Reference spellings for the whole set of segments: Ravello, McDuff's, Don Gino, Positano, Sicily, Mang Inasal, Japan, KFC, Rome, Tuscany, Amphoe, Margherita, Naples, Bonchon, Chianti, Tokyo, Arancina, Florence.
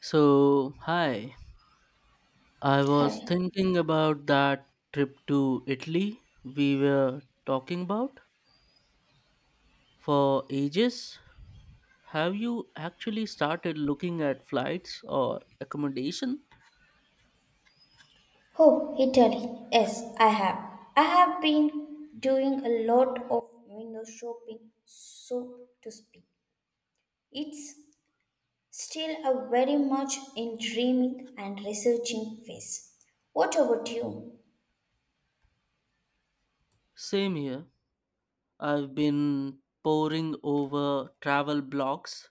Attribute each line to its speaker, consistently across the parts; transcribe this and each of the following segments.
Speaker 1: So, hi. I was
Speaker 2: Hi.
Speaker 1: thinking about that trip to Italy we were talking about for ages. Have you actually started looking at flights or accommodation?
Speaker 2: Oh, Italy. Yes, I have. I have been doing a lot of window shopping, so to speak. It's still a very much in dreaming and researching phase. What about you?
Speaker 1: Same here. I've been poring over travel blogs,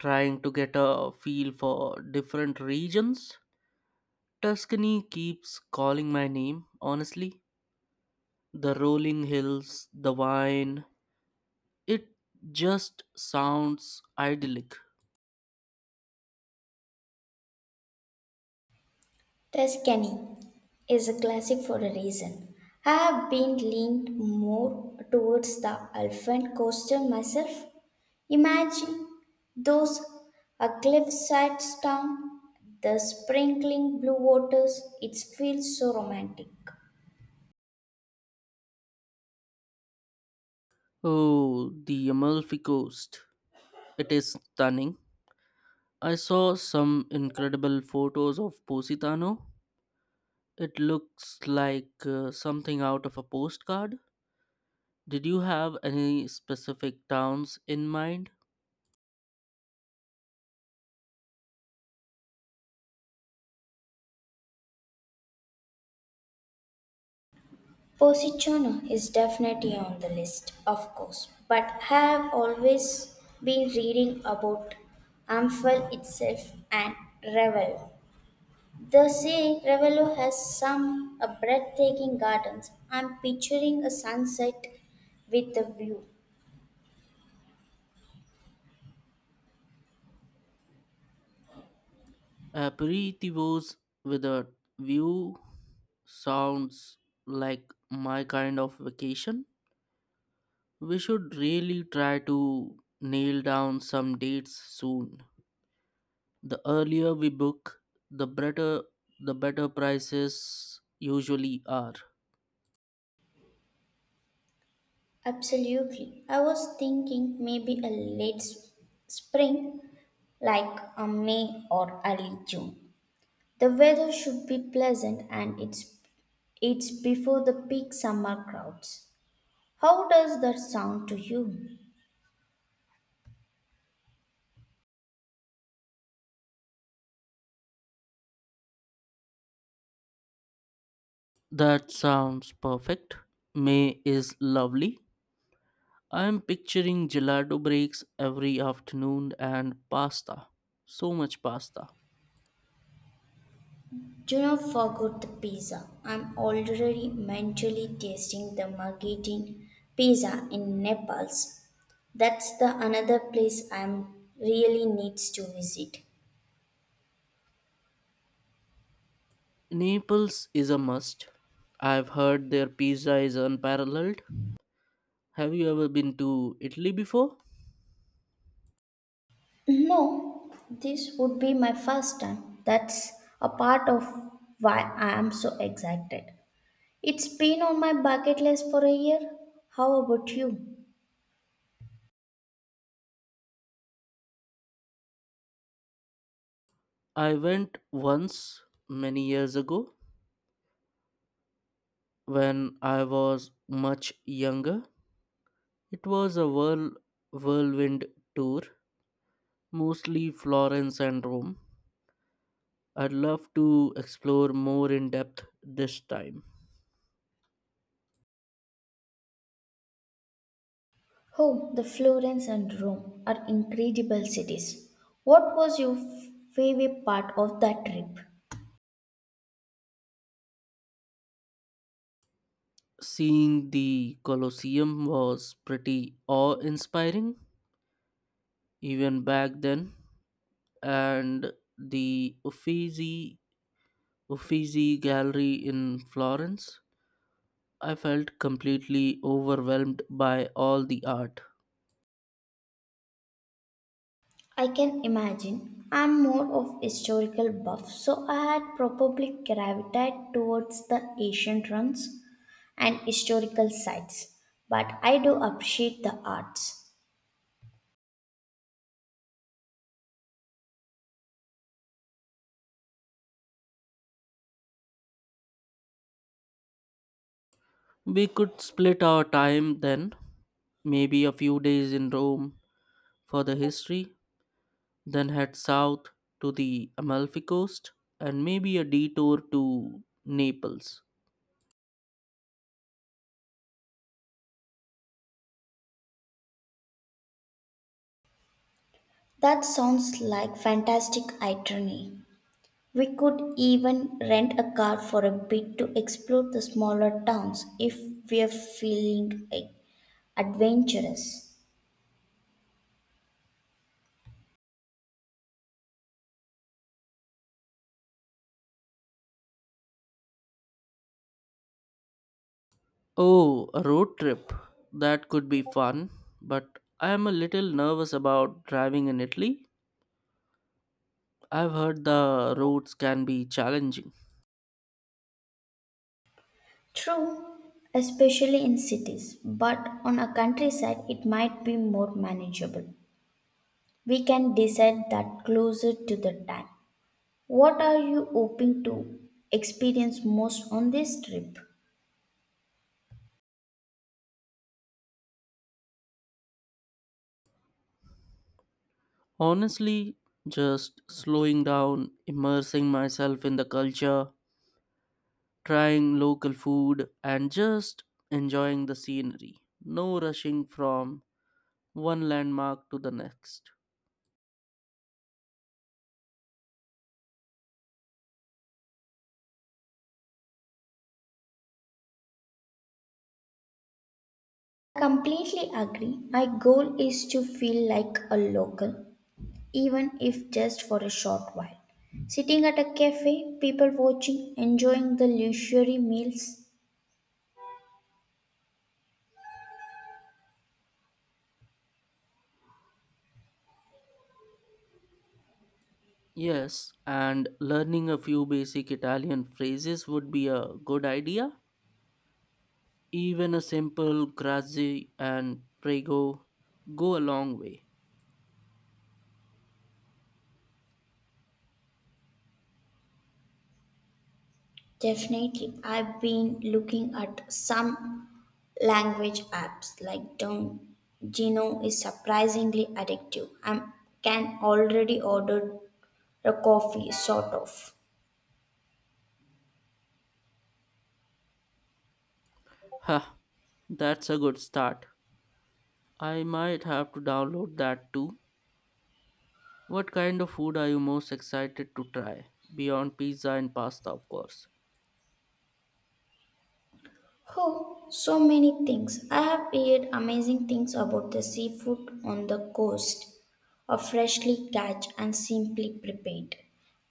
Speaker 1: trying to get a feel for different regions. Tuscany keeps calling my name, honestly. The rolling hills, the wine, it just sounds idyllic.
Speaker 2: Tuscany is a classic for a reason. I have been leaned more towards the Alpine coastal myself. Imagine those a cliffside town, the sprinkling blue waters, it feels so romantic.
Speaker 1: Oh, the Amalfi Coast. It is stunning. I saw some incredible photos of Positano. It looks like something out of a postcard. Did you have any specific towns in mind?
Speaker 2: Positano is definitely on the list, of course, but I have always been reading about Amphoe itself and Ravello. The say Ravello has some breathtaking gardens. I'm picturing a sunset with a view.
Speaker 1: Aperitivos with a view sounds like my kind of vacation. We should really try to nail down some dates soon. The earlier we book, the better the better prices usually are.
Speaker 2: Absolutely. I was thinking maybe a late spring, like a May or early June. The weather should be pleasant and it's before the peak summer crowds. How does that sound to you?
Speaker 1: That sounds perfect. May is lovely. I am picturing gelato breaks every afternoon and pasta. So much pasta.
Speaker 2: Do not forget the pizza. I'm already mentally tasting the Margherita pizza in Naples. That's the another place I'm really needs to visit.
Speaker 1: Naples is a must. I've heard their pizza is unparalleled. Have you ever been to Italy before?
Speaker 2: No, this would be my first time. That's a part of why I am so excited. It's been on my bucket list for a year. How about you?
Speaker 1: I went once many years ago when I was much younger. It was a whirlwind tour, mostly Florence and Rome. I'd love to explore more in depth this time.
Speaker 2: Oh, the Florence and Rome are incredible cities. What was your favorite part of that trip?
Speaker 1: Seeing the Colosseum was pretty awe inspiring, even back then, and the Uffizi Gallery in Florence. I felt completely overwhelmed by all the art.
Speaker 2: I can imagine. I'm more of historical buff, so I had probably gravitated towards the ancient ruins and historical sites. But I do appreciate the arts.
Speaker 1: We could split our time then, maybe a few days in Rome for the history, then head south to the Amalfi Coast and maybe a detour to Naples.
Speaker 2: That sounds like fantastic itinerary. We could even rent a car for a bit to explore the smaller towns if we're feeling adventurous.
Speaker 1: Oh, a road trip. That could be fun, but I am a little nervous about driving in Italy. I've heard the roads can be challenging.
Speaker 2: True, especially in cities, but on a countryside it might be more manageable. We can decide that closer to the time. What are you hoping to experience most on this trip?
Speaker 1: Honestly, just slowing down, immersing myself in the culture, trying local food, and just enjoying the scenery. No rushing from one landmark to the next.
Speaker 2: Completely agree. My goal is to feel like a local, even if just for a short while. Sitting at a cafe, people watching, enjoying the luxury meals.
Speaker 1: Yes, and learning a few basic Italian phrases would be a good idea. Even a simple grazie and prego go a long way.
Speaker 2: Definitely. I've been looking at some language apps like Don Gino is surprisingly addictive. I can already order a coffee, sort of.
Speaker 1: Ha, that's a good start. I might have to download that too. What kind of food are you most excited to try? Beyond pizza and pasta, of course.
Speaker 2: Oh, so many things. I have heard amazing things about the seafood on the coast, are freshly catch and simply prepared,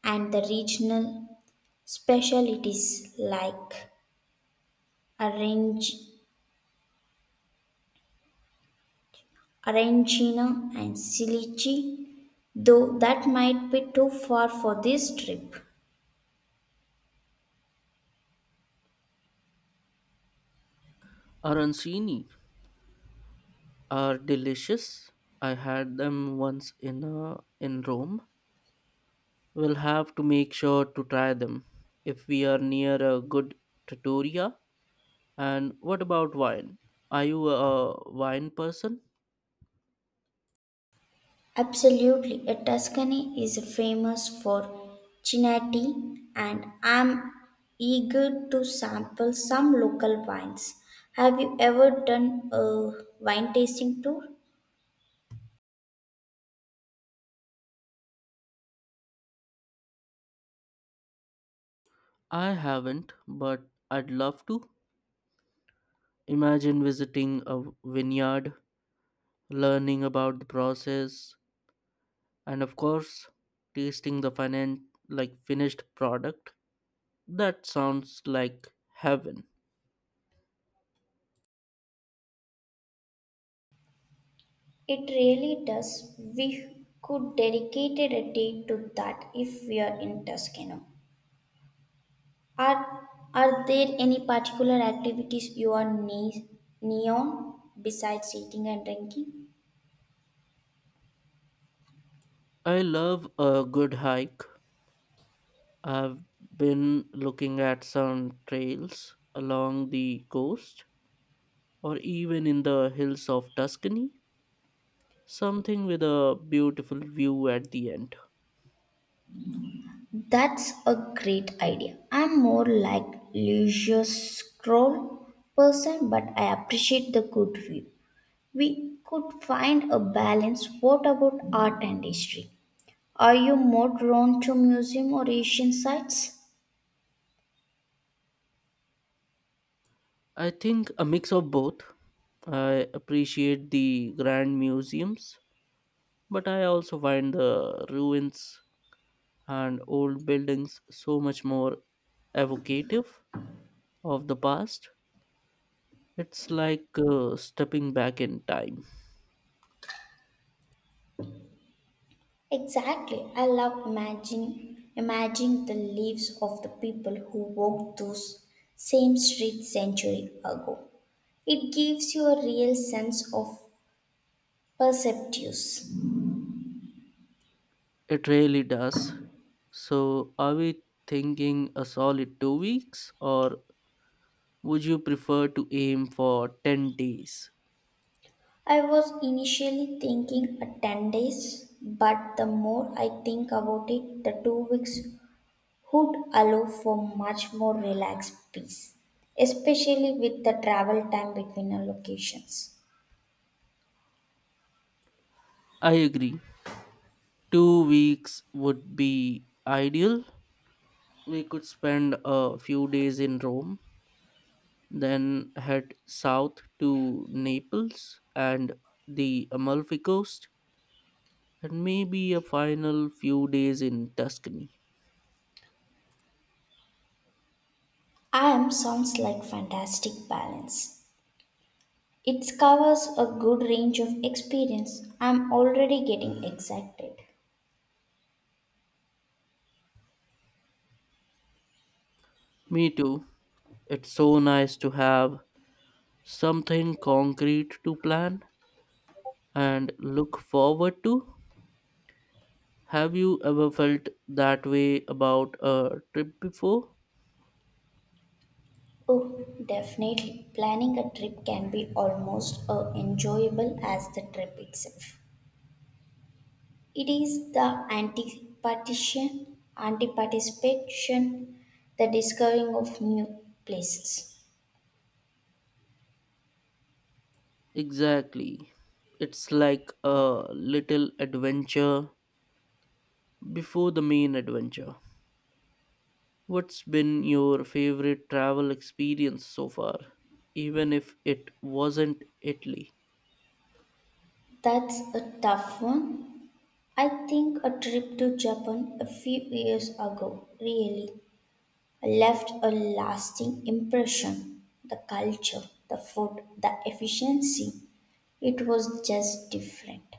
Speaker 2: and the regional specialties like arrange Arancina and Sicily, though that might be too far for this trip.
Speaker 1: Arancini are delicious. I had them once in Rome. We'll have to make sure to try them if we are near a good trattoria. And what about wine? Are you a wine person?
Speaker 2: Absolutely, a Tuscany is famous for Chianti, and I'm eager to sample some local wines. Have you ever done a wine tasting tour?
Speaker 1: I haven't, but I'd love to. Imagine visiting a vineyard, learning about the process, and of course, tasting the finished product. That sounds like heaven.
Speaker 2: It really does. We could dedicate a day to that if we are in Tuscany. Are are there any particular activities you are neon besides eating and drinking?
Speaker 1: I love a good hike. I've been looking at some trails along the coast or even in the hills of Tuscany, something with a beautiful view at the end.
Speaker 2: That's a great idea. I'm more like leisure scroll person, but I appreciate the good view. We could find a balance. What about art and history? Are you more drawn to museum or Asian sites?
Speaker 1: I think a mix of both. I appreciate the grand museums, but I also find the ruins and old buildings so much more evocative of the past. It's like stepping back in time.
Speaker 2: Exactly. I love imagining the lives of the people who walked those same streets century ago. It gives you a real sense of perceptives.
Speaker 1: It really does. So, are we thinking a solid 2 weeks, or would you prefer to aim for 10 days?
Speaker 2: I was initially thinking a 10 days, but the more I think about it, the 2 weeks would allow for much more relaxed peace, especially with the travel time between our locations.
Speaker 1: I agree. 2 weeks would be ideal. We could spend a few days in Rome, then head south to Naples and the Amalfi Coast, and maybe a final few days in Tuscany.
Speaker 2: I am sounds like fantastic balance. It covers a good range of experience. I'm already getting excited.
Speaker 1: Me too. It's so nice to have something concrete to plan and look forward to. Have you ever felt that way about a trip before?
Speaker 2: Oh, definitely. Planning a trip can be almost as enjoyable as the trip itself. It is the anti-partition, anti-participation, the discovering of new places.
Speaker 1: Exactly. It's like a little adventure before the main adventure. What's been your favorite travel experience so far, even if it wasn't Italy?
Speaker 2: That's a tough one. I think a trip to Japan a few years ago really left a lasting impression. The culture, the food, the efficiency, it was just different.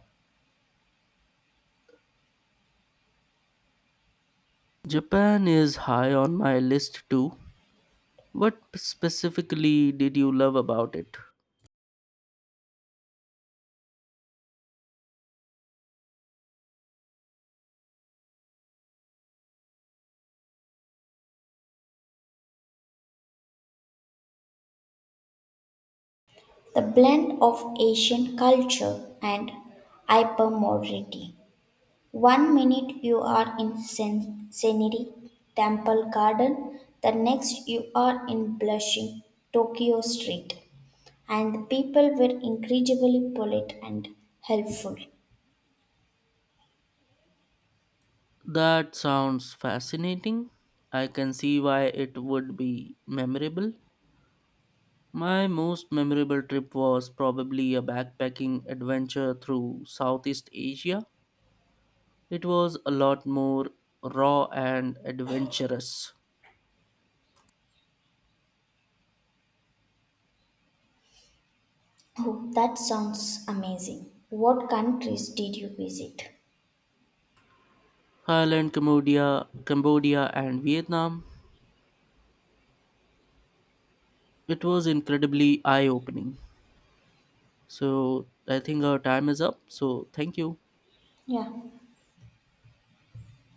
Speaker 1: Japan is high on my list too. What specifically did you love about it?
Speaker 2: The blend of Asian culture and hypermodernity. One minute you are in scenery temple garden, the next you are in blushing Tokyo street, and the people were incredibly polite and helpful.
Speaker 1: That sounds fascinating. I can see why it would be memorable. My most memorable trip was probably a backpacking adventure through Southeast Asia. It was a lot more raw and adventurous.
Speaker 2: Oh, that sounds amazing. What countries did you visit?
Speaker 1: Thailand, Cambodia and Vietnam. It was incredibly eye-opening. So, I think our time is up. So, thank you.
Speaker 2: Yeah.